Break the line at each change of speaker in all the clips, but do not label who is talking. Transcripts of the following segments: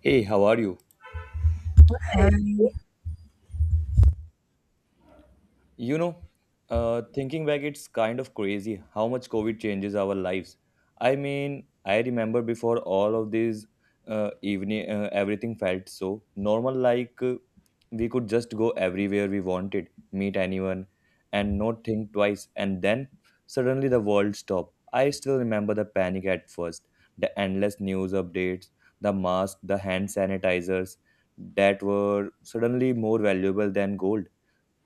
Hey, how are you?
And
You know, Thinking back, it's kind of crazy how much COVID changes our lives. I mean, I remember before all of this everything felt so normal, we could just go everywhere we wanted, meet anyone, and not think twice. And then suddenly the world stopped. I still remember the panic at first, the endless news updates, the masks, the hand sanitizers that were suddenly more valuable than gold.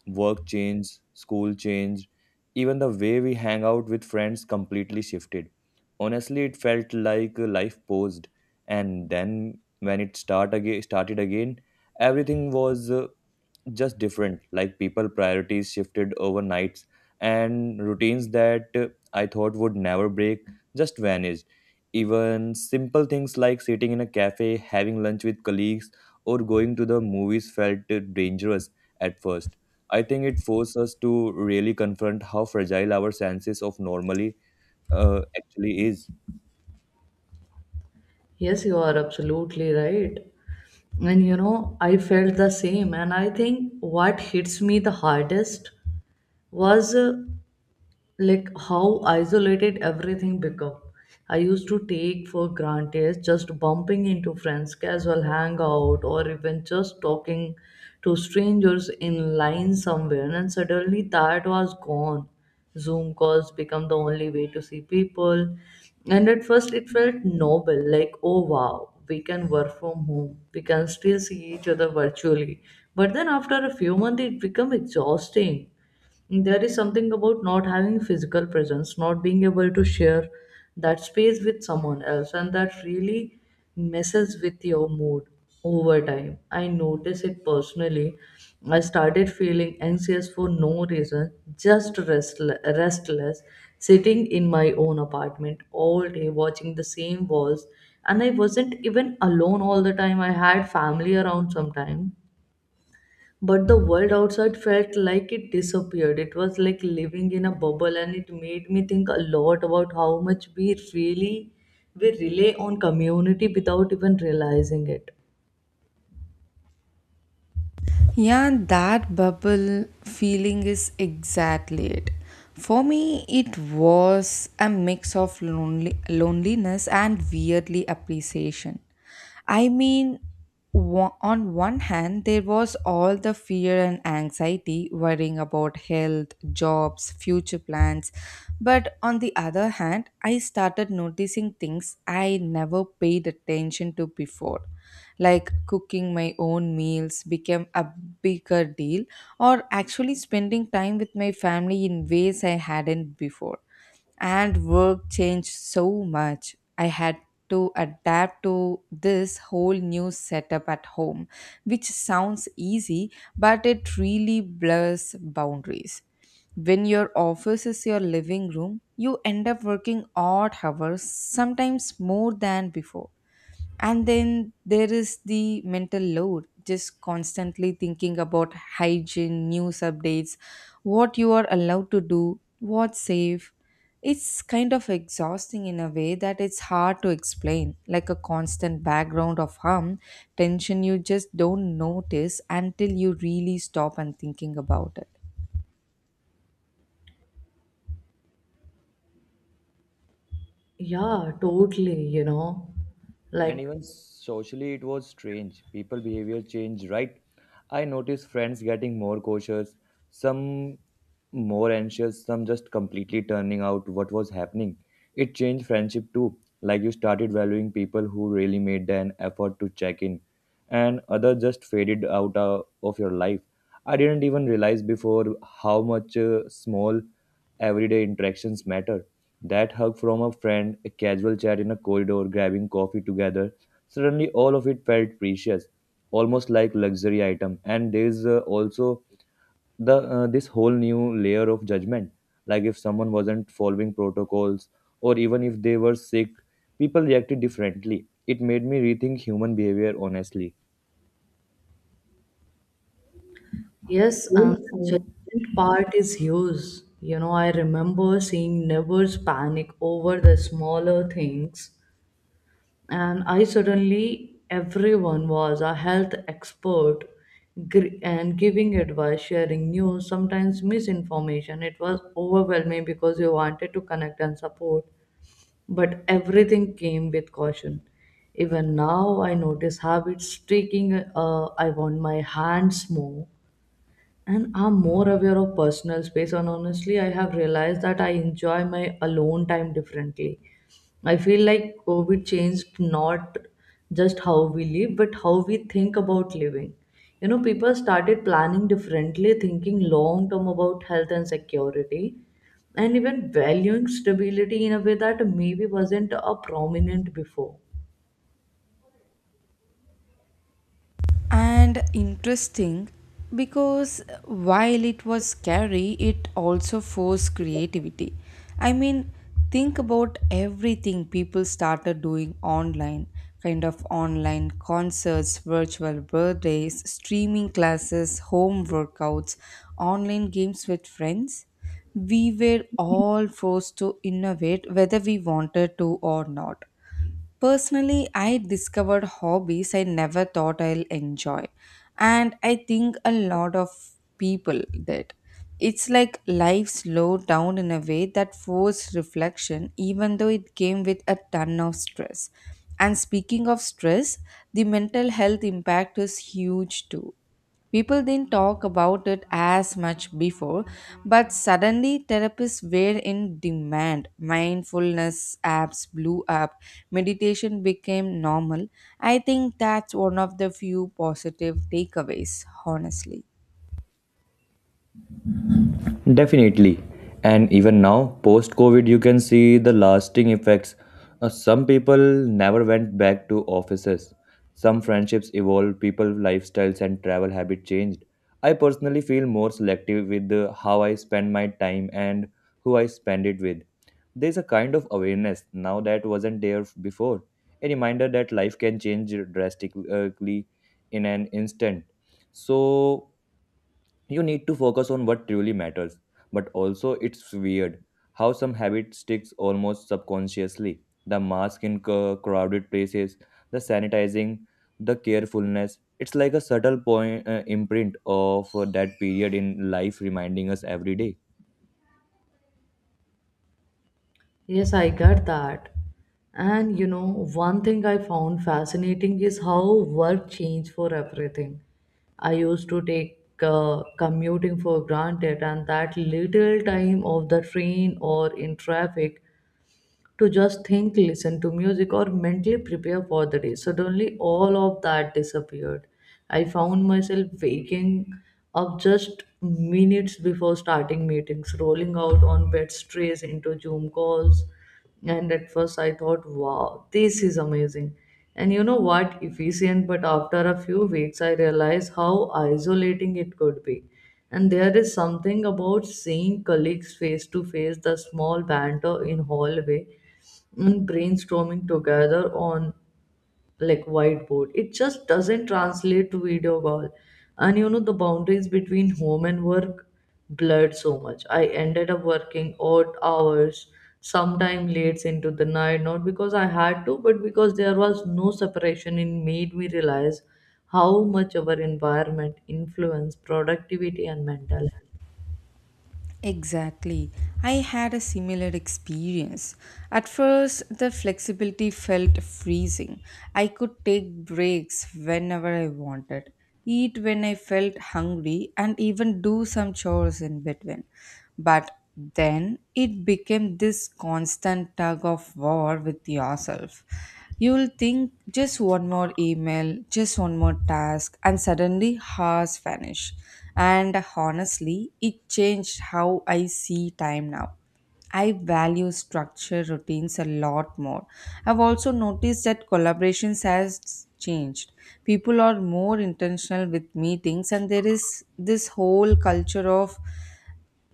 Work changed, school changed, even the way we hang out with friends completely shifted. Honestly, it felt like life paused, and then when it start again, started again, everything was just different, like people priorities shifted overnights, and routines that I thought would never break just vanished. Even simple things like sitting in a cafe having lunch with colleagues or going to the movies felt dangerous at first. I think it forced us to really confront how fragile our senses of normally actually is.
Yes, you are absolutely right. And you know, I felt the same. And I think what hits me the hardest was how isolated everything become. I used to take for granted just bumping into friends, casual hangout, or even just talking to strangers in line somewhere, and suddenly that was gone. Zoom calls become the only way to see people, and at first it felt noble, like oh wow, we can work from home, we can still see each other virtually. But then after a few months it became exhausting. There is something about not having physical presence, not being able to share that space with someone else, and that really messes with your mood over time. I notice it personally. I started feeling anxious for no reason, just restless, restless, sitting in my own apartment all day, watching the same walls. And I wasn't even alone all the time. I had family around sometimes, but the world outside felt like it disappeared. It was like living in a bubble, and it made me think a lot about how much we really we rely on community without even realizing it.
yeah, that bubble feeling is exactly it. For me, it was a mix of loneliness and weirdly appreciation. I mean, on one hand, there was all the fear and anxiety worrying about health, jobs, future plans. But on the other hand, I started noticing things I never paid attention to before. Like cooking my own meals became a bigger deal, or actually spending time with my family in ways I hadn't before. And work changed so much. I had to adapt to this whole new setup at home, which sounds easy, but it really blurs boundaries. When your office is your living room, you end up working odd hours, sometimes more than before. And then there is the mental load, just constantly thinking about hygiene, news updates, what you are allowed to do, what's safe. It's kind of exhausting in a way that it's hard to explain, like a constant background of harm, tension you just don't notice until you really stop and thinking about it.
Yeah, totally.
And
Like
even socially, it was strange, people behavior changed, right? I noticed friends getting more cautious, some more anxious, some just completely turning out what was happening. It changed friendship too, like you started valuing people who really made an effort to check in, and others just faded out of your life. I didn't even realize before how much small everyday interactions matter. That hug from a friend, a casual chat in a corridor, grabbing coffee together, suddenly all of it felt precious, almost like luxury item. And there's also the this whole new layer of judgment. Like if someone wasn't following protocols or even if they were sick, people reacted differently. It made me rethink human behavior honestly.
yes, and the judgment part is huge. You know, I remember seeing neighbors panic over the smaller things, and I suddenly everyone was a health expert, and giving advice, sharing news, sometimes misinformation. It was overwhelming because you wanted to connect and support, but everything came with caution. Even now, I notice habits streaking. I want my hands more, and I'm more aware of personal space, and honestly I have realized that I enjoy my alone time differently. I feel like COVID changed not just how we live, but how we think about living. You know, people started planning differently, thinking long term about health and security, and even valuing stability in a way that maybe wasn't a prominent before.
And interesting because while it was scary, it also forced creativity. I mean, think about everything people started doing online, kind of online concerts, virtual birthdays, streaming classes, home workouts, online games with friends. We were all forced to innovate whether we wanted to or not. Personally, I discovered hobbies I never thought I'll enjoy. And I think a lot of people did. It's like life slowed down in a way that forced reflection, even though it came with a ton of stress. And speaking of stress, the mental health impact is huge too. People didn't talk about it as much before, but suddenly therapists were in demand. Mindfulness apps blew up, meditation became normal. I think that's one of the few positive takeaways, honestly.
Definitely. And even now, post COVID, you can see the lasting effects. Some people never went back to offices. Some friendships evolved, people lifestyles and travel habit changed. I personally feel more selective with how I spend my time and who I spend it with. There's a kind of awareness now that wasn't there before. A reminder that life can change drastically in an instant. So you need to focus on what truly matters, but also it's weird how some habit sticks almost subconsciously, the mask in crowded places, the sanitizing, the carefulness. It's like a subtle point imprint of that period in life, reminding us every day.
Yes, I get that. And you know, one thing I found fascinating is how work changed for everything. I used to take commuting for granted, and that little time of the train or in traffic to just think, listen to music, or mentally prepare for the day. Suddenly, all of that disappeared. I found myself waking up just minutes before starting meetings, rolling out on bed strays into Zoom calls. And at first, I thought, wow, this is amazing. And you know what? Efficient. But after a few weeks, I realized how isolating it could be. And there is something about seeing colleagues face to face, the small banter in hallway, and brainstorming together on like whiteboard, it just doesn't translate to video call. And you know, the boundaries between home and work blurred so much. I ended up working odd hours, sometime late into the night, not because I had to, but because there was no separation. It made me realize how much our environment influenced productivity and mental health.
Exactly. I had a similar experience. At first, the flexibility felt freezing. I could take breaks whenever I wanted, eat when I felt hungry, and even do some chores in between. But then it became this constant tug of war with yourself. You'll think just one more email, just one more task, and suddenly hours vanish. And honestly, it changed how I see time now. I value structure routines a lot more. I've also noticed that collaborations has changed. People are more intentional with meetings and there is this whole culture of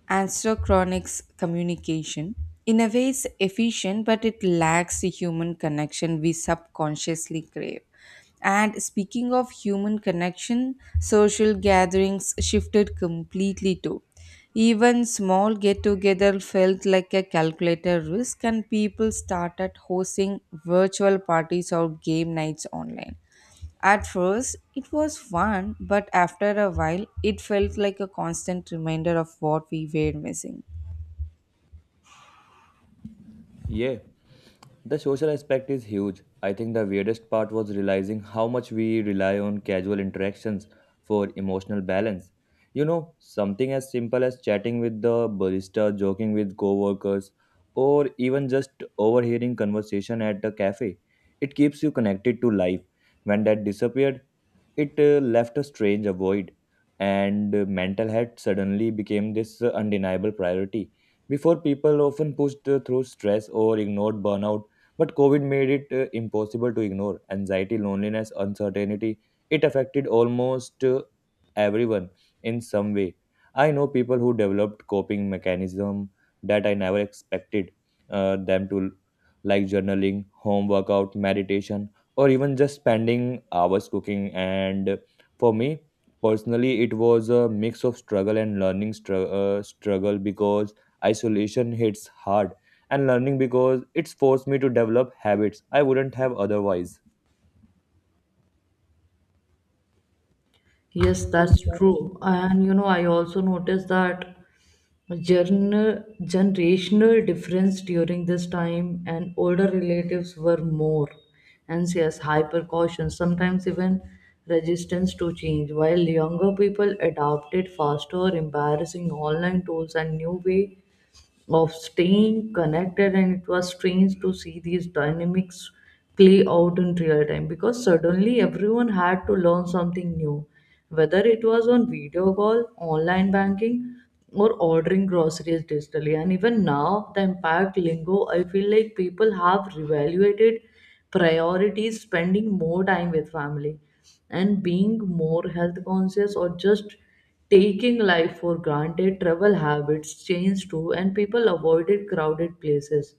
Astrochronix communication. In a way, is efficient, but it lacks the human connection we subconsciously crave. And speaking of human connection, social gatherings shifted completely too. Even small get together felt like a calculated risk, and people started hosting virtual parties or game nights online. At first, it was fun, but after a while, it felt like a constant reminder of what we were missing.
Yeah. The social aspect is huge. I think the weirdest part was realizing how much we rely on casual interactions for emotional balance. You know, something as simple as chatting with the barista, joking with coworkers, or even just overhearing conversation at a cafe. It keeps you connected to life. When that disappeared, it left a strange void, and mental health suddenly became this undeniable priority. Before, people often pushed through stress or ignored burnout, but COVID made it impossible to ignore. Anxiety, loneliness, uncertainty, it affected almost everyone in some way. I know people who developed coping mechanism that I never expected them to, like journaling, home workout, meditation, or even just spending hours cooking. And for me personally, it was a mix of struggle and learning, struggle because isolation hits hard, and learning because it's forced me to develop habits I wouldn't have otherwise.
Yes, that's true. And you know, I also noticed that generational difference during this time. And older relatives were more anxious, hyper cautious, sometimes even resistance to change, while younger people adopted faster, embarrassing online tools and new way of staying connected. And it was strange to see these dynamics play out in real time, because suddenly everyone had to learn something new, whether it was on video call, online banking, or ordering groceries digitally. And even now the impact lingo, I feel like people have reevaluated priority is spending more time with family and being more health conscious, or just taking life for granted. Travel habits change too, and people avoided crowded places,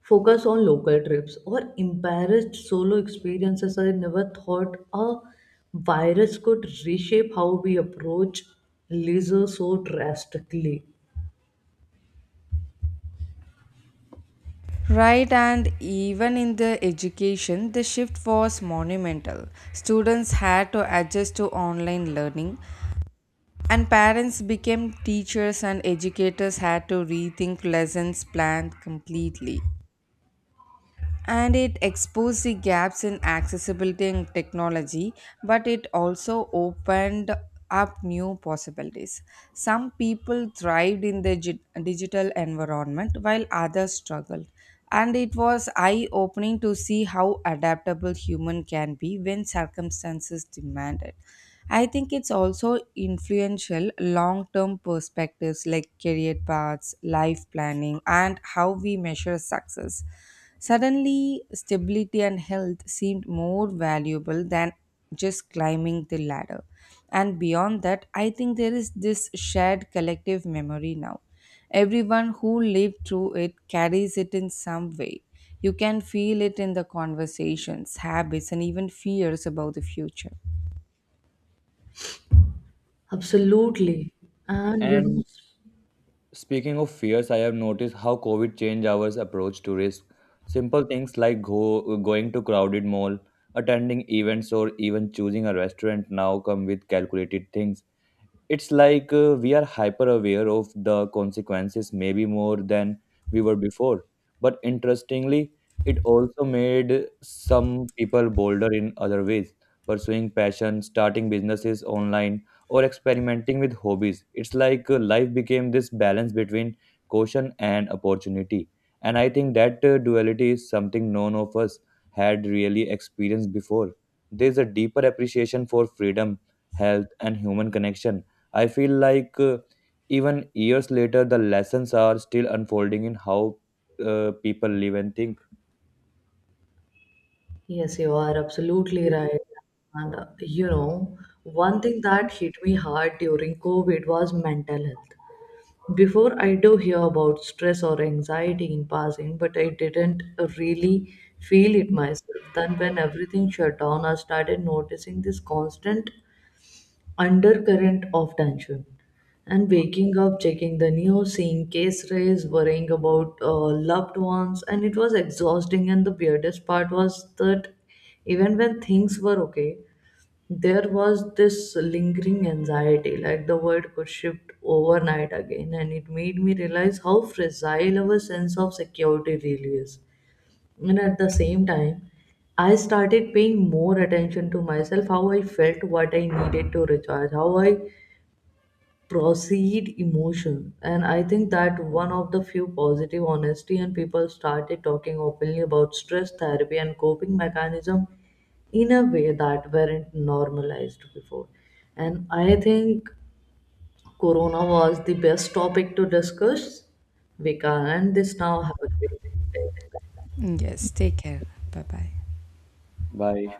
focus on local trips, or embarrassed solo experiences. I never thought a virus could reshape how we approach leisure so drastically.
Right, and even in the education, the shift was monumental. Students had to adjust to online learning, and parents became teachers, and educators had to rethink lessons planned completely. And it exposed the gaps in accessibility and technology, but it also opened up new possibilities. Some people thrived in the digital environment while others struggled. And it was eye opening to see how adaptable human can be when circumstances demand it. I think it's also influential long term perspectives like career paths, life planning, and how we measure success. Suddenly, stability and health seemed more valuable than just climbing the ladder. And beyond that, I think there is this shared collective memory now. Everyone who lived through it carries it in some way. You can feel it in the conversations, habits, and even fears about the future.
Absolutely. And you know,
And speaking of fears, I have noticed how COVID changed our approach to risk. Simple things like going to crowded mall, attending events, or even choosing a restaurant now come with calculated things. It's like we are hyper aware of the consequences, maybe more than we were before. But interestingly, it also made some people bolder in other ways, pursuing passion, starting businesses online, or experimenting with hobbies. It's like life became this balance between caution and opportunity. And I think that duality is something none of us had really experienced before. There's a deeper appreciation for freedom, health, and human connection. I feel like even years later, the lessons are still unfolding in how people live and think.
yes, you are absolutely right. And you know, one thing that hit me hard during COVID was mental health. Before, I do hear about stress or anxiety in passing, but I didn't really feel it myself. Then, when everything shut down, I started noticing this constant undercurrent of tension, and waking up checking the news, seeing case raise, worrying about loved ones. And it was exhausting. And the weirdest part was that even when things were okay, there was this lingering anxiety, like the world could shift overnight again. And it made me realize how fragile our sense of security really is. And at the same time, I started paying more attention to myself, how I felt, what I needed to recharge, how I proceed emotion. And I think that one of the few positive honesty, and people started talking openly about stress, therapy, and coping mechanism in a way that weren't normalized before. And I think Corona was the best topic to discuss. We can end this now. Have a great day.
Yes, take care. Bye bye.
Bye.